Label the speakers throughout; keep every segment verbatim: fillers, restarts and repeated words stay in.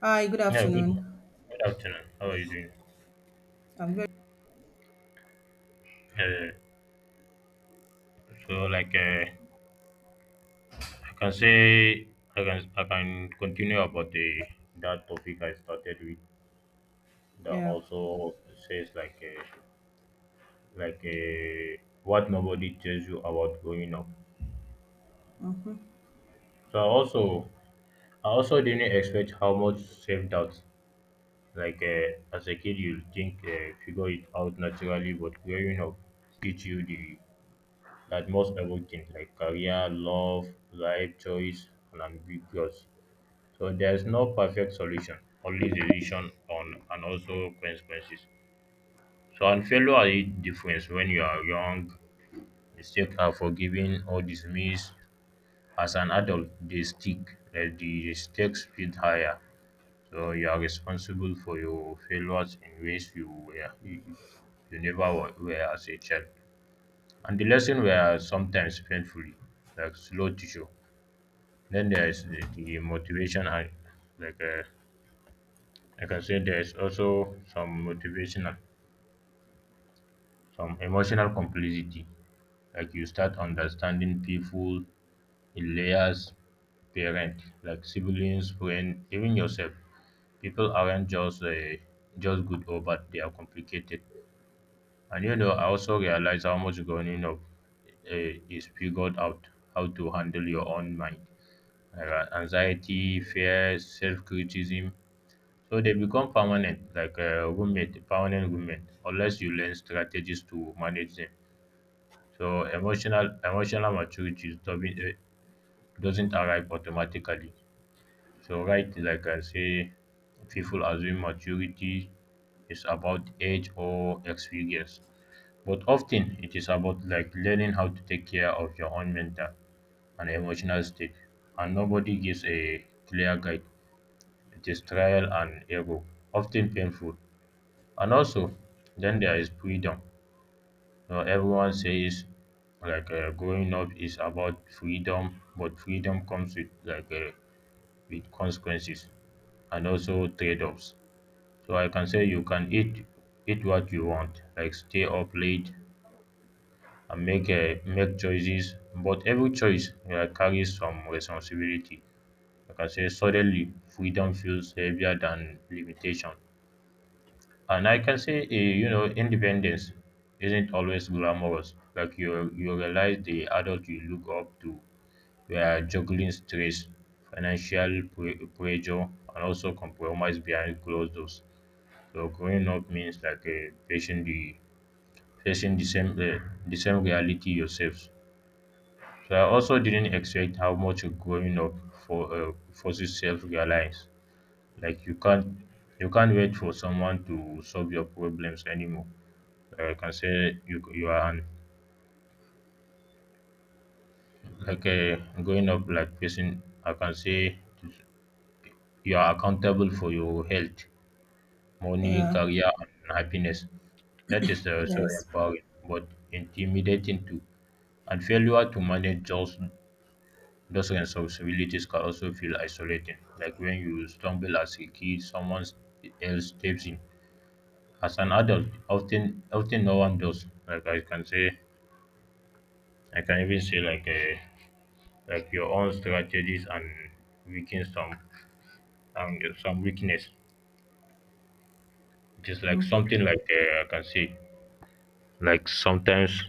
Speaker 1: Hi, good
Speaker 2: Yeah, good.
Speaker 1: afternoon.
Speaker 2: Good afternoon. How are you doing?
Speaker 1: I'm very
Speaker 2: Uh, so, like, uh, I can say, I can, I can continue about the that topic I started with. That
Speaker 1: Yeah.
Speaker 2: also says like, uh, like, uh, what nobody tells you about growing up.
Speaker 1: Mm-hmm.
Speaker 2: So I also, I also didn't expect how much self doubt. Like, uh, as a kid, you think uh, figure it out naturally, but growing up teach you the that most everything like career, love, life choice, and ambiguous. So there's no perfect solution, only decision on and also consequences. So and failure are it difference when you are young, mistakes are forgiven or dismissed. As an adult, they stick uh, the stakes feel higher. So you are responsible for your failures in ways you were you, you never wa- were as a child. And the lesson were sometimes painfully, like slow to show. Then there is the, the motivation and like uh, like I can say there is also some motivational, some emotional complicity. Like you start understanding people in layers, parent, like siblings, friend, even yourself. People aren't just uh, just good or bad; they are complicated. And you know, I also realize how much growing up uh, is figured out how to handle your own mind, like, uh, anxiety, fear, self criticism. So they become permanent, like a roommate, permanent roommate, unless you learn strategies to manage them. So emotional emotional maturity doesn't uh, doesn't arrive automatically. So right, like I say, people assume maturity is about age or experience, but often it is about like learning how to take care of your own mental and emotional state. And nobody gives a clear guide. It is trial and error, often painful. And also, then there is freedom. You know, everyone says like uh, growing up is about freedom, but freedom comes with like uh, with consequences and also trade-offs. So I can say you can eat eat what you want, like stay up late and make uh, make choices. But every choice uh, carries some responsibility. I can say suddenly freedom feels heavier than limitation. And I can say, eh, you know, independence isn't always glamorous. Like you, you realize the adult you look up to were juggling stress, financial pre- pressure, and also compromise behind closed doors. So growing up means like uh, facing the facing the same uh, the same reality yourself. So I also didn't expect how much growing up for uh, forces self-reliance. Like you can't you can't wait for someone to solve your problems anymore. I can say you you are an like a growing up like person. I can say you are accountable for your health, money,
Speaker 1: Yeah.
Speaker 2: career, and happiness. That is uh, so
Speaker 1: Yes.
Speaker 2: empowering, but intimidating too. And failure to manage those those responsibilities can also feel isolating. Like when you stumble as a kid, someone else steps in. As an adult, often often no one does. Like I can say, I can even say like. Uh, like your own strategies and weaken some and some weakness. It is like
Speaker 1: Mm-hmm.
Speaker 2: something like uh, I can say like sometimes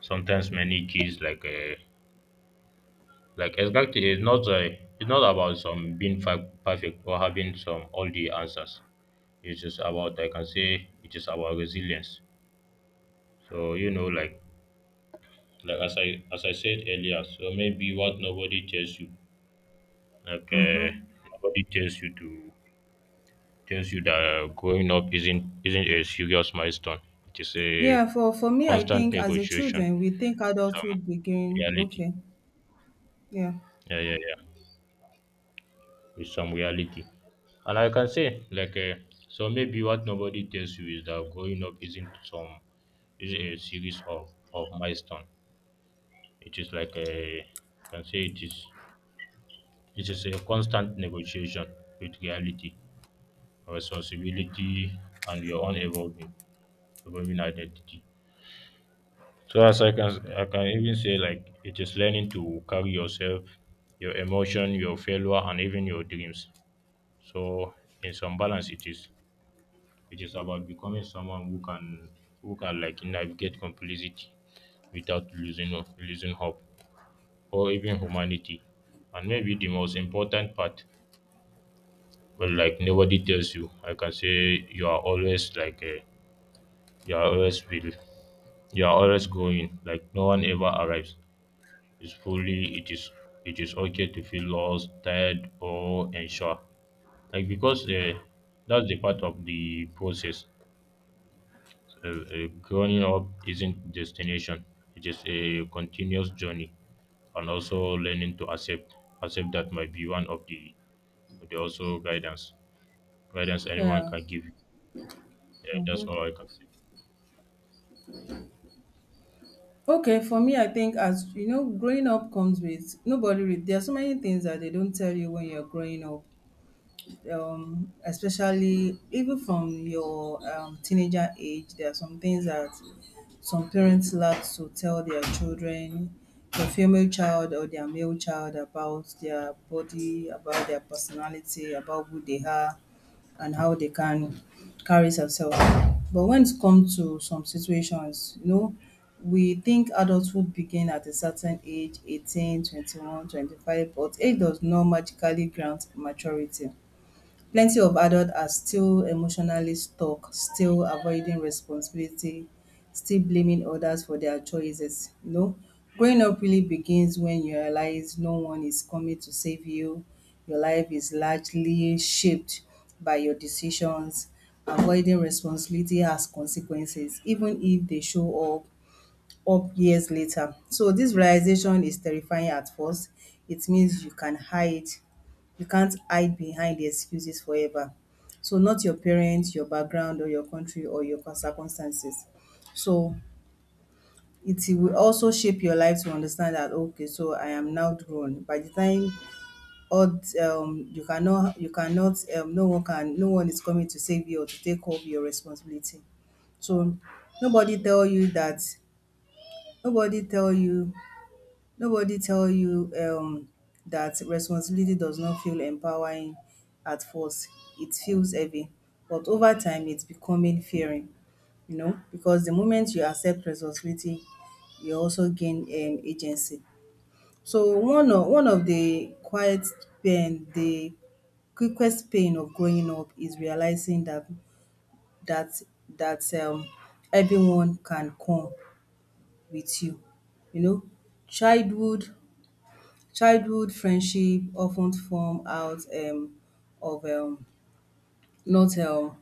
Speaker 2: sometimes many kids like uh, like exactly it's not uh, it's not about some being fa- perfect or having some all the answers. It's just about I can say it is about resilience. So you know like like as I as I said earlier. So maybe what nobody tells you like uh,
Speaker 1: Mm-hmm.
Speaker 2: nobody tells you to tells you that growing up isn't isn't a serious milestone. It is a
Speaker 1: Yeah. For for me, I
Speaker 2: constant
Speaker 1: think as a
Speaker 2: negotiation
Speaker 1: children, we think
Speaker 2: with some
Speaker 1: adulthood begin.
Speaker 2: reality.
Speaker 1: Okay. Yeah.
Speaker 2: Yeah, yeah, yeah. With some reality. And I can say, like, uh, so maybe what nobody tells you is that growing up isn't some is a series of of milestone. It is like a you can say it is it is a constant negotiation with reality, responsibility, and your own evolving evolving identity. So as I can I can even say like it is learning to carry yourself, your emotion, your failure, and even your dreams. So in some balance, it is it is about becoming someone who can who can like navigate complexity without losing ho- losing hope or even humanity. And maybe the most important part, well, like nobody tells you. I can say you are always like uh, you are always will, you are always growing. Like no one ever arrives. It's fully. It is it is okay to feel lost, tired, or unsure. Like because uh, that's the part of the process. Uh, uh, growing up isn't destination; it is a continuous journey, and also learning to accept accept that might be one of the the also guidance guidance
Speaker 1: Yeah.
Speaker 2: anyone can give. Yeah, that's all
Speaker 1: Mm-hmm.
Speaker 2: I can say.
Speaker 1: Okay. For me, I think, as you know, growing up comes with nobody. Re- there are so many things that they don't tell you when you're growing up. Um, especially even from your um, teenager age, there are some things that some parents like to tell their children, their female child or their male child, about their body, about their personality, about who they are, and how they can carry themselves. But when it comes to some situations, you know, we think adulthood begin at a certain age, eighteen, twenty one, twenty five, but age does not magically grant maturity. Plenty of adults are still emotionally stuck, still avoiding responsibility, still blaming others for their choices. You know, growing up really begins when you realize no one is coming to save you. Your life is largely shaped by your decisions. Avoiding responsibility has consequences, even if they show up up years later. So this realization is terrifying at first. It means you can hide, you can't hide behind the excuses forever. So not your parents, your background, or your country, or your circumstances. So it will also shape your life to understand that, okay, so I am now grown. By the time all, um you cannot you cannot um no one can no one is coming to save you or to take over your responsibility. So nobody tell you that nobody tell you nobody tell you, um, that responsibility does not feel empowering at first. It feels heavy, but over time it's becoming fearing, you know, because the moment you accept responsibility, you also gain um, agency. So one of one of the quiet pain, the quickest pain of growing up is realizing that that that um, everyone can come with you. You know, childhood Childhood friendship often form out um of um not um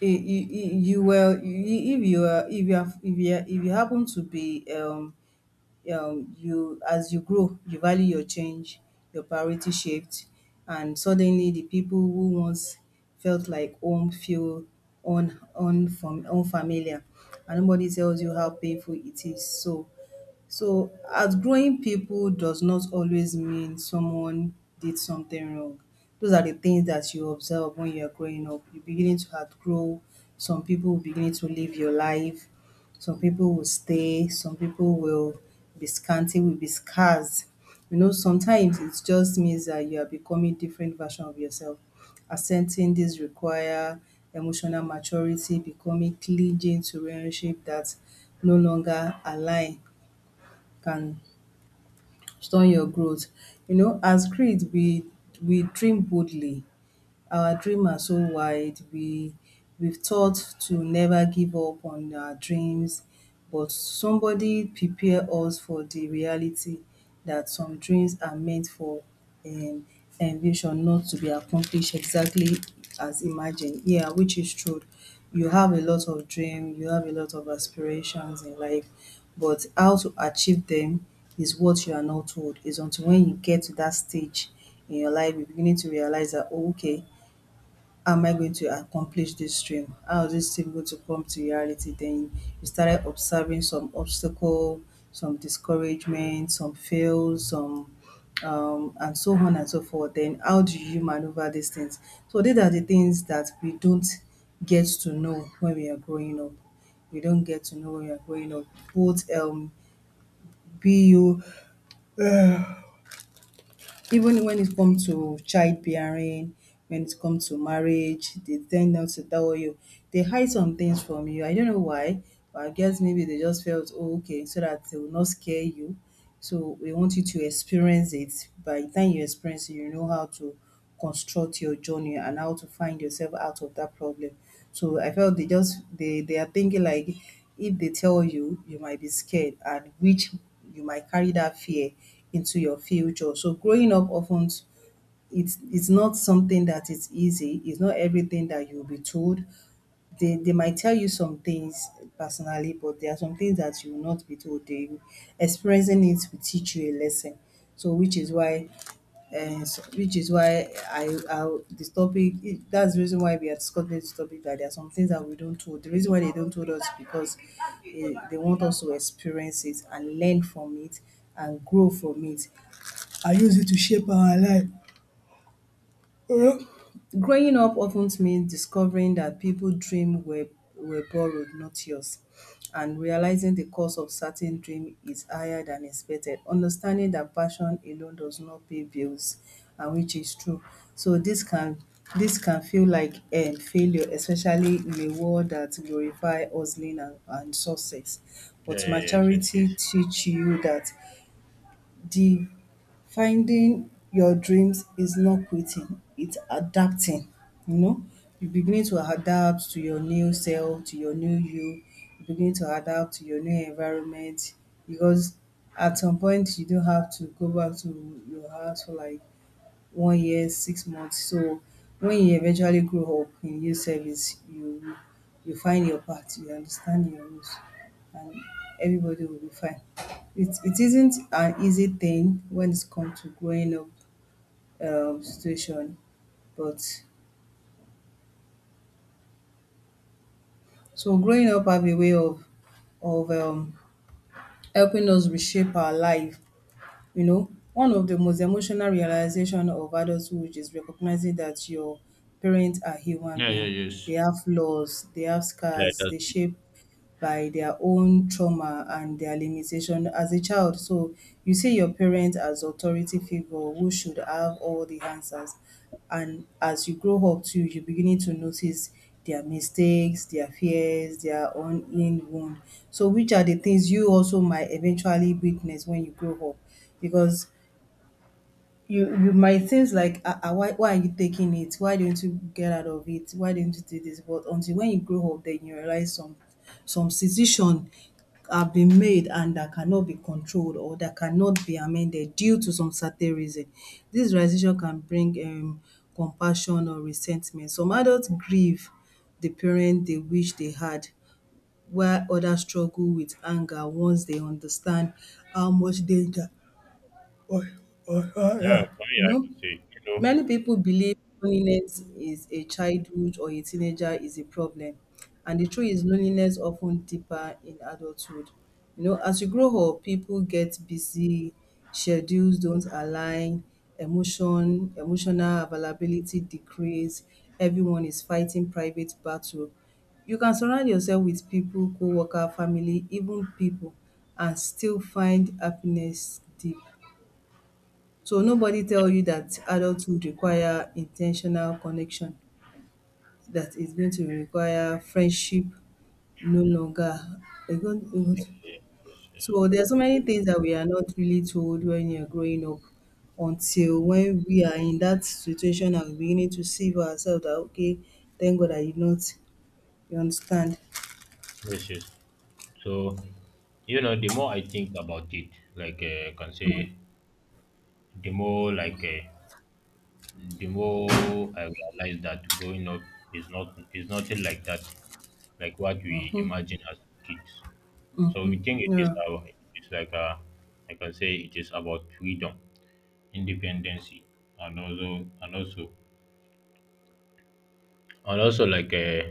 Speaker 1: I- you well I- if you are if you have if you are- if you happen to be um um you, as you grow you value your change, your priority shift, and suddenly the people who once felt like home feel un unfam unfamiliar, and nobody tells you how painful it is so so, outgrowing people does not always mean someone did something wrong. Those are the things that you observe when you're growing up. You're beginning to outgrow. Some people will begin to live your life. Some people will stay. Some people will be scanty, will be scarce. You know, sometimes it just means that you are becoming different version of yourself. Accepting this require emotional maturity, becoming clean to relationship that no longer align can store your growth. You know, as creed, we we dream boldly. Our dream are so wide. We we've taught to never give up on our dreams, but somebody prepare us for the reality that some dreams are meant for um ambition, not to be accomplished exactly as imagined. Yeah, which is true. You have a lot of dream, you have a lot of aspirations in life, but how to achieve them is what you are not told. Is until when you get to that stage in your life, you're beginning to realize that, oh, okay, how am I going to accomplish this dream? How is this thing going to come to reality? Then you started observing some obstacle, some discouragement, some fails, some um, and so on and so forth. Then how do you maneuver these things? So these are the things that we don't get to know when we are growing up. We don't get to know when we are growing up. Both, um, be you Even when it comes to childbearing, when it comes to marriage, they tend not to tell you. They hide some things from you. I don't know why, but I guess maybe they just felt, "Oh, okay," so that they will not scare you. So we want you to experience it. By the time you experience it, you know how to construct your journey and how to find yourself out of that problem. So I felt they just, they they are thinking like if they tell you, you might be scared, and which you might carry that fear into your future. So growing up often, it's it's not something that is easy. It's not everything that you'll be told. They they might tell you some things personally, but there are some things that you will not be told. They experiencing it will teach you a lesson. So which is why uh, so- which is why I, I this topic it, that's the reason why we are discussing this topic, that there are some things that we don't told. The reason why they don't told us is because, eh, they want us to experience it and learn from it and grow from it. I use it to shape our life. You know, growing up often means discovering that people's dreams were, were borrowed, not yours, and realizing the cost of certain dream is higher than expected. Understanding that passion alone does not pay bills, and which is true. So this can this can feel like a failure, especially in a world that glorify hustling, and, and success.
Speaker 2: Yeah,
Speaker 1: But
Speaker 2: yeah, yes, yes,
Speaker 1: maturity
Speaker 2: yes.
Speaker 1: teach you that the finding your dreams is not quitting, it's adapting, you know? You begin to adapt to your new self, to your new you. You begin to adapt to your new environment, because at some point you don't have to go back to your house for like one year, six months. So when you eventually grow up in youth service, you you find your path, you understand your rules, and everybody will be fine. It it isn't an easy thing when it's come to growing up um situation, but so growing up have a way of of um helping us reshape our life. You know, one of the most emotional realization of adulthood is recognizing that your parents are human
Speaker 2: Yeah, yeah,
Speaker 1: being. They
Speaker 2: yes.
Speaker 1: have flaws, they have
Speaker 2: Yeah,
Speaker 1: scars,
Speaker 2: that's
Speaker 1: they
Speaker 2: it.
Speaker 1: shape by their own trauma and their limitation as a child. So you see your parents as authority figure who should have all the answers, and as you grow up too, you're beginning to notice their mistakes, their fears, their own in wound. So which are the things you also might eventually witness when you grow up. Because you you might seems like, ah ah why why are you taking it? Why don't you get out of it? Why don't you do this? But until when you grow up, then you realize some some decision have been made and that cannot be controlled or that cannot be amended due to some certain reason. Dis realization can bring um compassion or resentment. Some adults grieve the parent they wish they had, while others struggle with anger once they understand how much danger.
Speaker 2: Yeah, for me,
Speaker 1: You
Speaker 2: I
Speaker 1: know,
Speaker 2: can say, you know.
Speaker 1: many people believe loneliness is a childhood or a teenager is a problem, and the truth is loneliness often deeper in adulthood. You know, as you grow up, people get busy, schedules don't align, emotion, emotional availability decrease, everyone is fighting private battle. You can surround yourself with people, co-worker, family, even people, and still find happiness deep. So nobody tell
Speaker 2: Yeah,
Speaker 1: you that adulthood require intentional connection, that it's going to require friendship no longer. It's going
Speaker 2: yeah,
Speaker 1: it's-
Speaker 2: yeah, yes, yes,
Speaker 1: So there are so many things that we are not really told when you're growing up, until when we are in that situation and we're beginning to see for ourselves that, okay, thank God I did not. You understand?
Speaker 2: yes, yes. So, you know, the more I think about it, like uh, I can say, the more like uh, the more I realize that growing up is not is nothing like that, like what we imagine as kids. So we think it is
Speaker 1: Yeah.
Speaker 2: our it's like a, I can say it is about freedom, independency, and also and also and also like uh,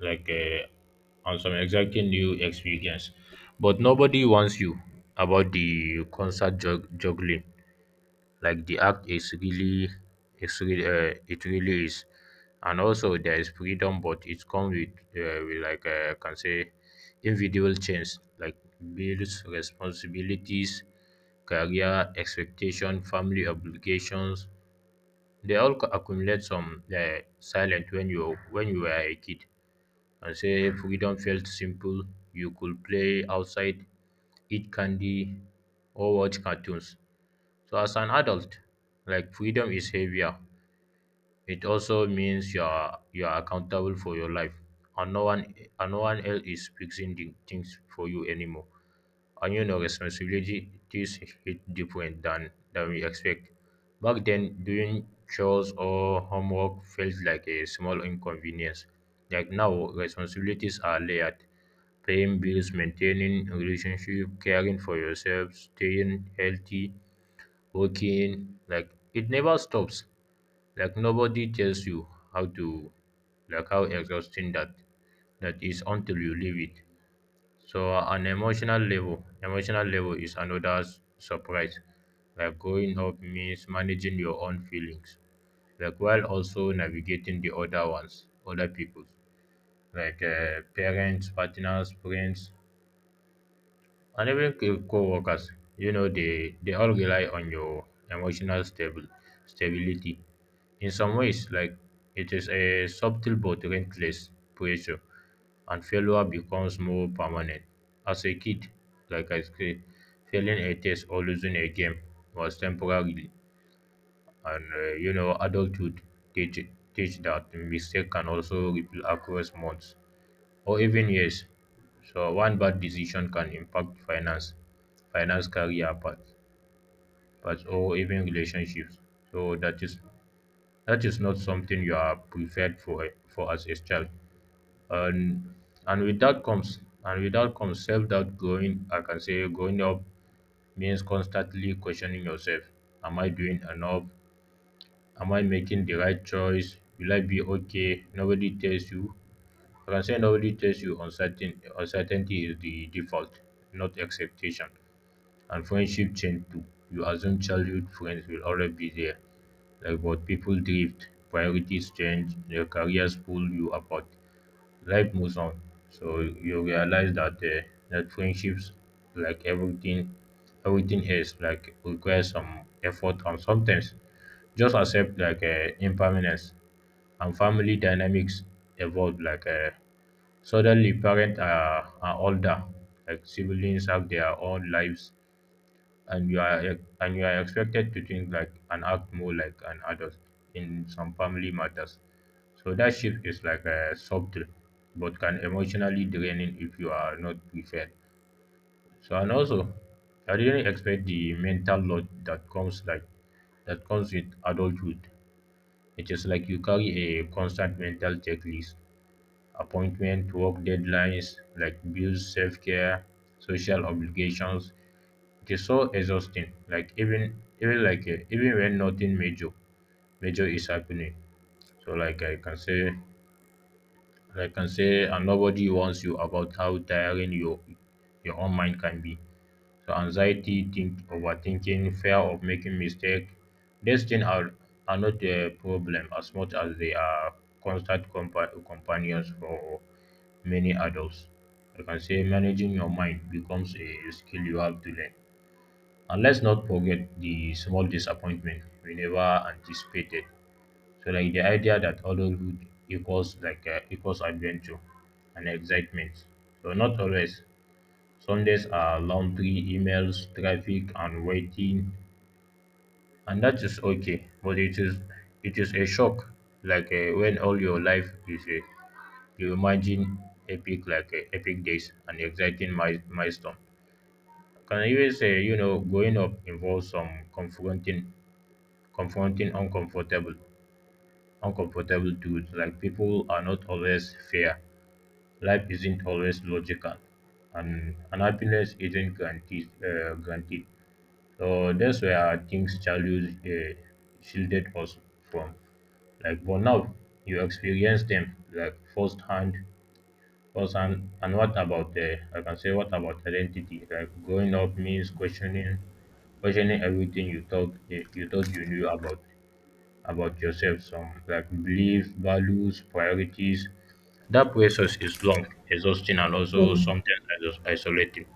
Speaker 2: like uh, on some exacting new experience, but nobody warns you about the concert jug- juggling like the act is really it's really uh, it really is, and also there is freedom but it comes with, uh, with like uh, I can say individual change like bills, responsibilities, career expectation, family obligations. They all co- accumulate some uh, silent when you when you were a kid, and say freedom felt simple. You could play outside, eat candy, or watch cartoons. So as an adult, like freedom is heavier. It also means you are you are accountable for your life, and no one and no one else is fixing the things for you anymore. And you know responsibilities hit different than than we expect. Back then doing chores or homework felt like a small inconvenience. Like now responsibilities are layered, paying bills, maintaining relationship, caring for yourself, staying healthy, working, like it never stops. Like nobody tells you how to like how exhausting that that is until you leave it. So an emotional level, emotional level is another s- surprise. Like growing up means managing your own feelings, like while also navigating the other ones, other people's, like uh, parents, partners, friends, and even co- co-workers. You know they they all rely on your emotional stable stability in some ways. Like it is a subtle but relentless pressure. And failure becomes more permanent. As a kid, like I said, failing a test or losing a game was temporary. And uh, you know adulthood teach teach that mistake can also ripple across months or even years. So one bad decision can impact finance, finance, career path, path, or even relationships. So that is that is not something you are prepared for for as a child. And and with that comes and with that comes self doubt. Growing I can say growing up means constantly questioning yourself. Am I doing enough? Am I making the right choice? Will I be okay? Nobody tells you Francais normally tells you uncertain, uncertainty is the default, not expectation. And friendships change too. You assume childhood friends will always be there, like what people drift, priorities change, their careers pull you apart. Life moves on, so you realize that uh, that friendships, like everything, everything else, like requires some effort and sometimes just accept like uh, impermanence. And family dynamics evolve like uh, suddenly, parents are, are older, like siblings have their own lives, and you are ex- and you are expected to think like and act more like an adult in some family matters. So that shift is like a subtle, but can emotionally draining if you are not prepared. So and also, I didn't expect the mental load that comes like that comes with adulthood. It is like you carry a constant mental checklist: appointments, work deadlines, like bills, self-care, social obligations. It is so exhausting. Like even even like uh, even when nothing major major is happening. So like I can say I can say and nobody warns you about how tiring your your own mind can be. So anxiety, think overthinking, fear of making mistake, these things are, are not a problem as much as they are constant compa- companions for many adults. I can say managing your mind becomes a skill you have to learn. And let's not forget the small disappointment we never anticipated. So like the idea that adulthood equals like uh, equals adventure and excitement. So not always. Sundays are laundry, emails, traffic, and waiting, and that is okay. But it is it is a shock, like uh, when all your life is a reimagined epic like uh, epic days and exciting mi- milestone. Can even say you know growing up involves some confronting, confronting uncomfortable, uncomfortable truths like people are not always fair, life isn't always logical, and, and happiness isn't guaranteed. Uh, guaranteed. So that's where things childhood uh, shielded us from. Like, but now you experience them like firsthand course, and, and what about uh, I can say what about identity? Like growing up means questioning questioning everything you thought you you thought you knew about about yourself. Some like beliefs, values, priorities. That process is long, exhausting, and also
Speaker 1: So,
Speaker 2: sometimes iso- isolating.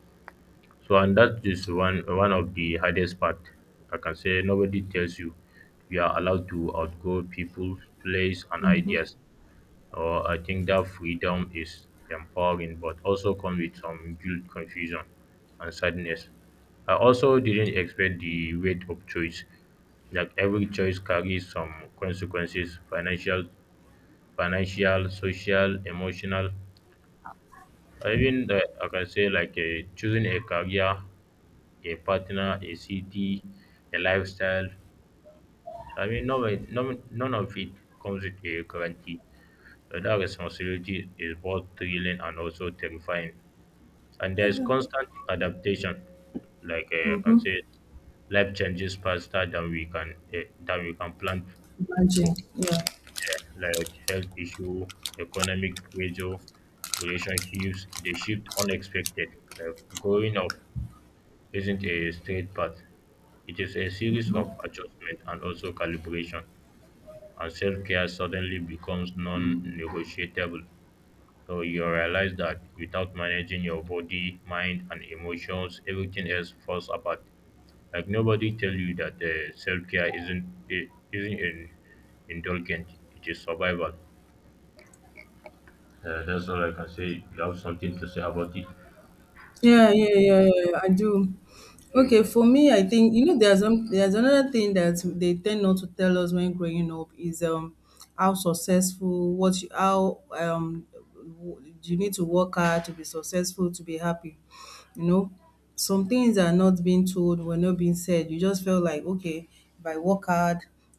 Speaker 2: So, and that is one one of the hardest part. I can say nobody tells you you are allowed to outgrow people, place, and ideas. Or I think that freedom is empowering, but also comes with some guilt, confusion, and sadness. I also didn't expect the weight of choice. Like every choice carries some consequences: financial, financial, social, emotional. I even uh, I can say like uh, choosing a career, a partner, a city, a lifestyle. I mean, none, none, none of it comes with a guarantee. So that responsibility is both thrilling and also terrifying. And there's constant adaptation. Like uh, I can
Speaker 1: mm-hmm.
Speaker 2: say, life changes faster than we can uh, than we can plan
Speaker 1: Imagine.
Speaker 2: for.
Speaker 1: Yeah.
Speaker 2: Yeah, like health issue, economic pressure, relationships, they shift unexpected. Like growing up isn't a straight path. It is a series of adjustment and also calibration. And self-care suddenly becomes non-negotiable. So you realize that without managing your body, mind, and emotions, everything else falls apart. Like nobody tell you that uh, self care isn't i- isn't in, indulgent. It is survival. Uh, that's all I can say. You have something to say about it?
Speaker 1: Yeah, yeah, yeah, yeah, yeah, I do. Okay,
Speaker 2: Okay.
Speaker 1: for me, I think, you know, there's some there's another thing that they tend not to tell us when growing up is, um how successful, what you, how, um w- you need to work hard to be successful, to be happy. You know, some things are not being told, were not being said. You just felt like, okay, if I work hard,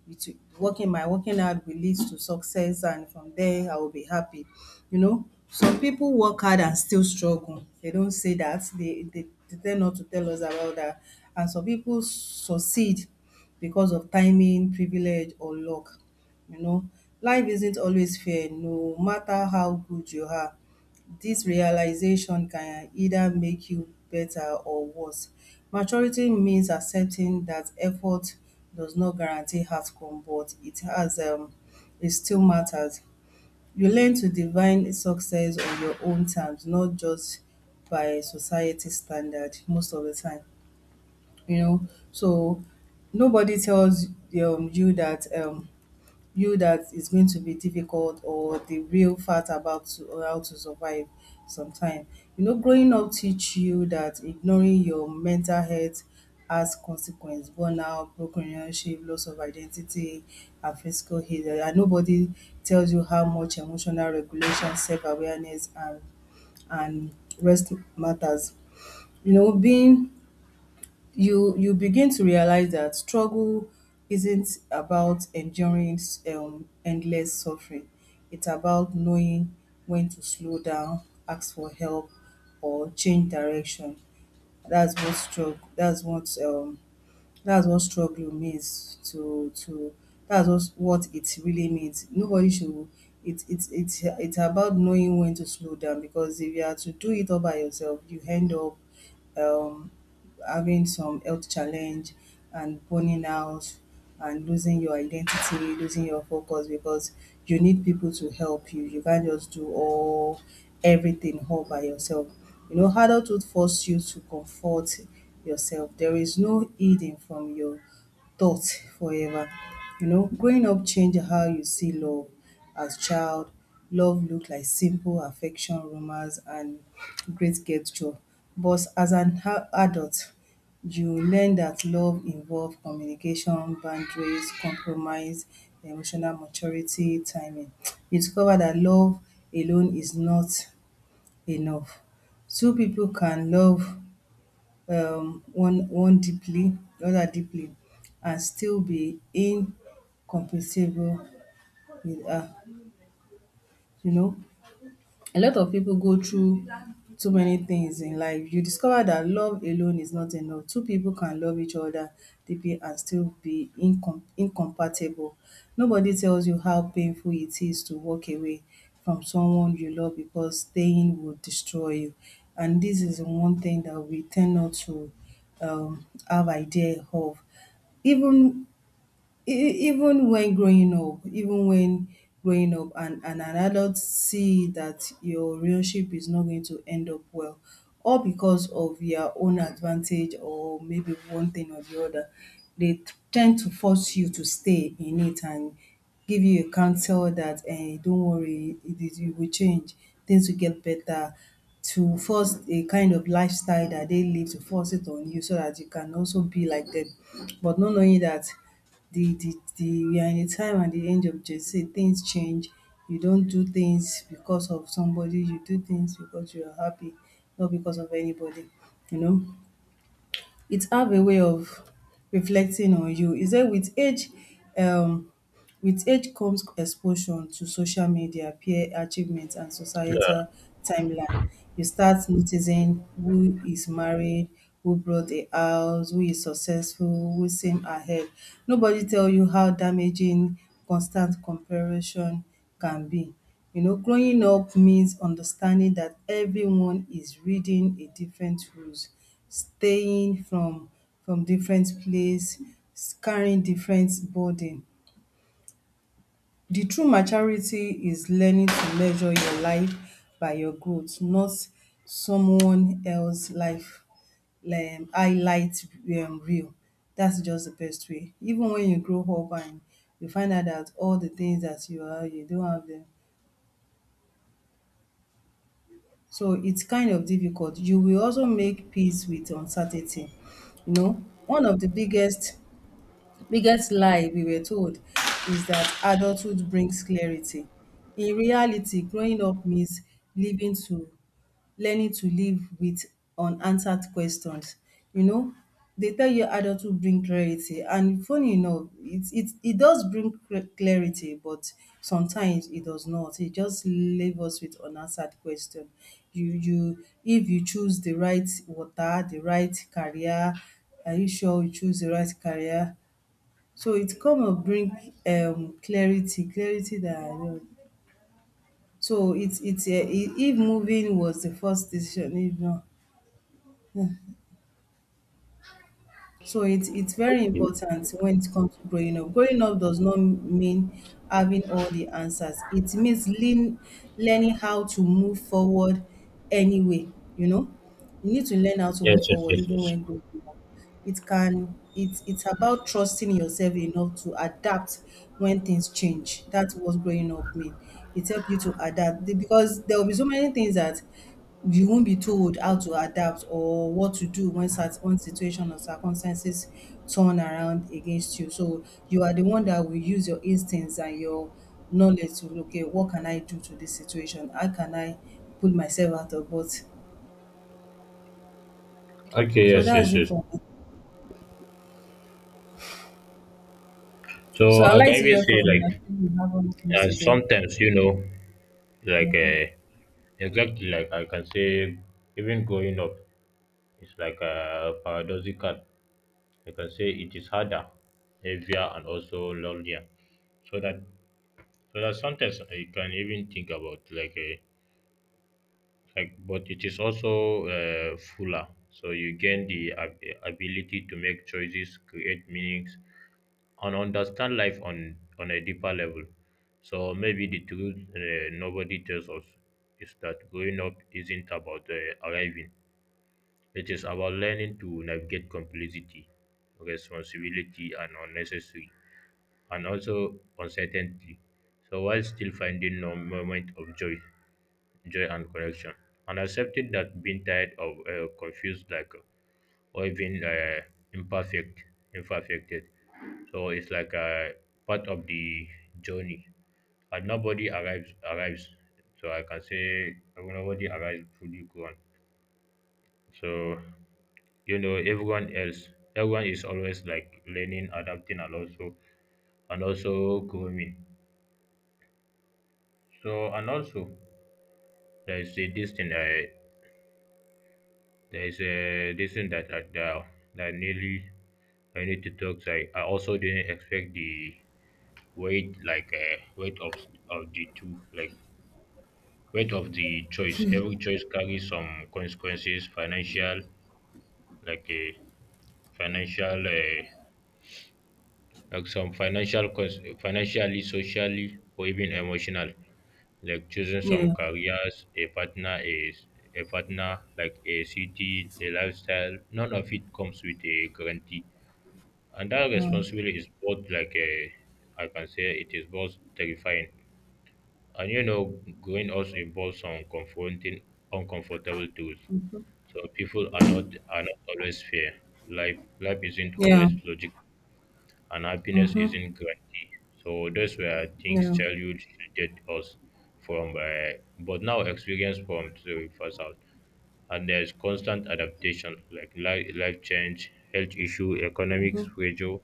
Speaker 1: it working my working hard will lead to success, and from there I will be happy. You know, some people work hard and still struggle. They don't say that, they they, they tend not to tell us about that. And some people succeed because of timing, privilege, or luck. You know, life isn't always fair no matter how good you are. This realization can either make you better or worse. Maturity means accepting that effort does not guarantee outcome, but it has um it still matters. You learn to define success on your own terms, not just by society standard most of the time, you know. So nobody tells um you that, um you that it's going to be difficult, or the real fact about to, or how to survive sometime. You know, growing up teach you that ignoring your mental health has consequence, burnout, broken relationship, loss of identity, and physical healing. And nobody tells you how much emotional regulation, self-awareness, and and rest matters. You know, being you you begin to realize that struggle isn't about enduring um, endless suffering. It's about knowing when to slow down, ask for help, or change direction. That's what struggle. That's what um, that's what struggle means to to. That's what what it really means. Nobody should. It's it's it's it's about knowing when to slow down because if you are to do it all by yourself, you end up um, having some health challenge and burning out and losing your identity, losing your focus because you need people to help you. You can't just do all everything all by yourself. You know, adulthood force you to comfort yourself. There is no hiding from your thoughts forever. You know, growing up change how you see love as child. Love looked like simple affection, romance, and great gesture. But as an a- adult, you learn that love involves communication, boundaries, compromise, emotional maturity, timing. You discover that love alone is not enough. Two people can love um one one deeply, the other deeply and still be incompatible with her, you know. A lot of people go through too many things in life. You discover that love alone is not enough. Two people can love each other deeply and still be incom incompatible. Nobody tells you how painful it is to walk away from someone you love because staying will destroy you. And this is one thing that we tend not to um have idea of. Even E e even when growing up even when growing up and and an adult see that your relationship is not going to end up well, all because of your own advantage or maybe one thing or the other, they ten d to force you to stay in it and give you a counsel that um don't worry, it is you will change, things will get better, to force a kind of lifestyle that they live to force it on you so that you can also be like them, but not knowing that the the the we are in a time and the age of Gen Z. Things change. You don't do things because of somebody. You do things because you are happy, not because of anybody, you know. It have a way of reflecting on you is that with age, um with age comes exposure to social media, peer achievement and
Speaker 2: Yeah.
Speaker 1: societal timeline. You start noticing who is married, who bought a house, who is successful, who seem ahead. Nobody tell you how damaging constant comparison can be. You know, growing up means understanding that everyone is reading a different rules, staying from from different place, carrying different burden. The true maturity is learning to measure your life by your growth, not someone else life um highlight um reel. That's just the best way. Even when you grow up and you find out that all the things that you are, you don't have them. So it's kind of difficult. You will also make peace with uncertainty. You know, one of the biggest biggest lie we were told is that adulthood brings clarity. In reality, growing up means living to learning to live with unanswered questions. You know, they tell you adulthood bring clarity and funny enough, it it it does bring cla- clarity, but sometimes it does not. It just leave us with unanswered question. You you if you choose the right water, the right career, are you sure you choose the right career? So it come and bring um clarity, clarity that I want. So it it's um if moving was the first decision, if not, so it's it's very
Speaker 2: Okay.
Speaker 1: important when it comes to growing up. Growing up does not mean having all the answers. It means lean, learning how to move forward anyway, you know. You need to learn how to move
Speaker 2: Yes. Yes.
Speaker 1: forward
Speaker 2: Yes.
Speaker 1: even
Speaker 2: Yes.
Speaker 1: when growing up. It can it's it's about trusting yourself enough to adapt when things change. That's what growing up mean. It helps you to adapt The- because there will be so many things that you won't be told how to adapt or what to do when cert- when situation or circumstances turn around against you. So you are the one that will use your instincts and your knowledge to okay, what can I do to this situation? How can I pull myself out of what?
Speaker 2: Okay.
Speaker 1: So
Speaker 2: Yes. Yes.
Speaker 1: that's it
Speaker 2: Yes.
Speaker 1: for me. So
Speaker 2: So
Speaker 1: I'd
Speaker 2: I can
Speaker 1: like to
Speaker 2: even
Speaker 1: hear
Speaker 2: say
Speaker 1: from you. I
Speaker 2: like
Speaker 1: think we have all things
Speaker 2: uh,
Speaker 1: today.
Speaker 2: sometimes you know like uh, exactly like I can say even growing up it's like uh, paradoxical. I can say it is harder, heavier, and also lonelier. So that so that sometimes I can even think about like a like, but it is also uh, fuller. So you gain the ab- ability to make choices, create meanings, and understand life on on a deeper level. So maybe the truth uh, nobody tells us is that growing up isn't about uh, arriving. It is about learning to navigate complexity, responsibility, and unnecessary and also uncertainty. So while still finding no moment of joy, joy and correction, and accepting that being tired of uh, confused, like uh, or even uh, imperfect, imperfected. So it's like a part of the journey, and nobody arrives arrives. So I can say nobody arrives fully gone. So you know everyone else everyone is always like learning adapting and also and also growing. So and also there is a this thing I there is a this thing that I, that, that nearly I need to talk. So I, I also didn't expect the weight like uh, weight of of the two like weight of the choice. Every choice carries some consequences, financial like a financial. Uh, like some financial cons- financially, socially, or even emotional, like choosing some
Speaker 1: Yeah.
Speaker 2: careers, a partner, a, a partner, like a city, a lifestyle. None of it comes with a guarantee, and that
Speaker 1: Mm.
Speaker 2: responsibility is both like a, I can say it is both terrifying. And you know, growing also involves some confronting uncomfortable truths. So people are not are not always fair. Life life isn't
Speaker 1: Yeah.
Speaker 2: always logical and happiness
Speaker 1: Mm-hmm.
Speaker 2: isn't guaranteed. So that's where things
Speaker 1: Yeah.
Speaker 2: childhood shielded us from, uh, but now experience from the first out. And there's constant adaptation, like life, life change, health issue, economics, pressure,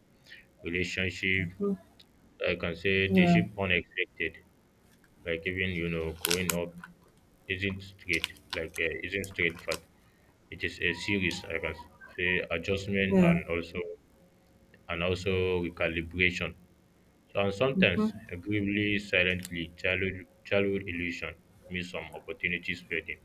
Speaker 2: relationship.
Speaker 1: Mm-hmm.
Speaker 2: Like I can say they
Speaker 1: Yeah.
Speaker 2: shift unexpected. Like even you know, growing up isn't straight, like uh, isn't straight path. It is a series. I can say adjustment and
Speaker 1: Yeah.
Speaker 2: also and also recalibration. And
Speaker 1: Mm-hmm.
Speaker 2: sometimes, agreeably silently, childhood, childhood illusion means some opportunities fading.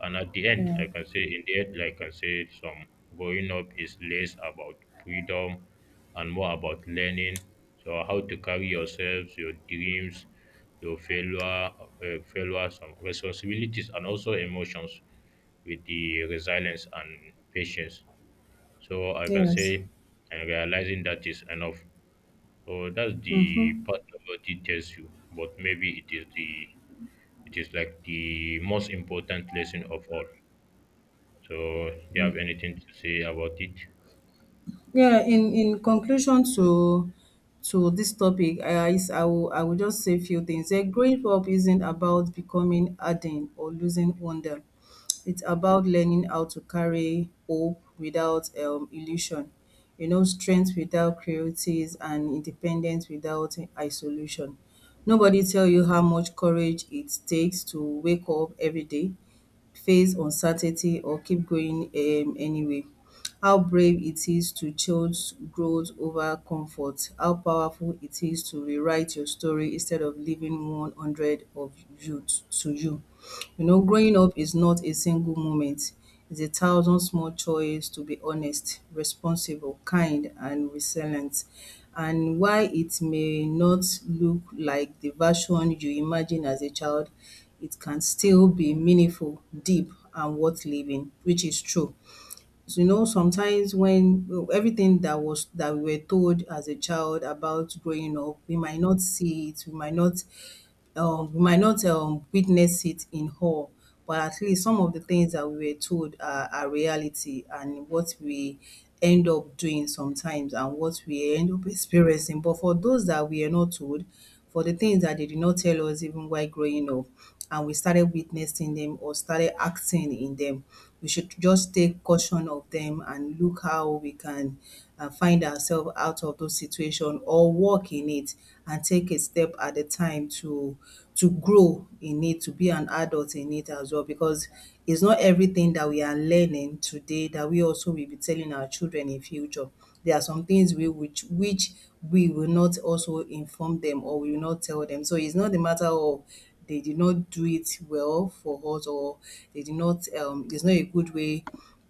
Speaker 2: And at the end,
Speaker 1: Yeah.
Speaker 2: I can say, in the end, like I can say, some growing up is less about freedom and more about learning. So, how to carry yourselves, your dreams, your failure, uh, failure, some responsibilities, and also emotions with the resilience and patience. So, I can
Speaker 1: Yes.
Speaker 2: say, and realizing that is enough. Oh, that's the
Speaker 1: Mm-hmm.
Speaker 2: part nobody tells you, but maybe it is the it is like the most important lesson of all. So, do you have anything to say about it?
Speaker 1: Yeah, in in conclusion to to this topic, I is I will I will just say a few things. A growing up isn't about becoming hardened or losing wonder. It's about learning how to carry hope without um, illusion, you know, strength without cruelties and independence without isolation. Nobody tell you how much courage it takes to wake up every day, face uncertainty or keep going um anyway. How brave it is to choose growth over comfort. How powerful it is to rewrite your story instead of leaving one hundred of you t- to you. You know, growing up is not a single moment. It's a thousand small choices, to be honest, responsible, kind and resilient. And while it may not look like the version you imagine as a child, it can still be meaningful, deep, and worth living, which is true. So you know, sometimes when well, everything that was that we were told as a child about growing up, we might not see it, we might not, um, we might not um, witness it in whole, but at least some of the things that we were told are, are reality and what we end up doing sometimes and what we end up experiencing. But for those that we are not told, for the things that they did not tell us even while growing up, and we started witnessing them or started acting in them, we should just take caution of them and look how we can uh, find ourselves out of those situation or work in it and take a step at a time to to grow in it, to be an adult in it as well because it's not everything that we are learning today that we also will be telling our children in future. There are some things we which which we will not also inform them or we will not tell them. So it's not a matter of they did not do it well for us or they did not, um it's not a good way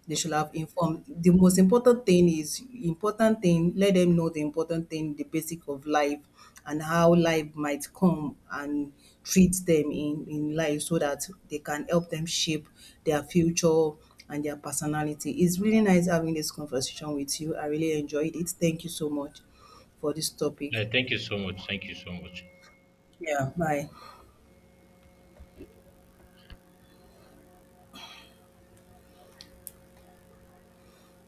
Speaker 1: they should have informed. The most important thing is important thing, let them know the important thing, the basic of life and how life might come and treat them in, in life so that they can help them shape their future and their personality. It's really nice having this conversation with you. I really enjoyed it. Thank you so much for this topic.
Speaker 2: Yeah, thank you so much. Thank you so much.
Speaker 1: Yeah, bye.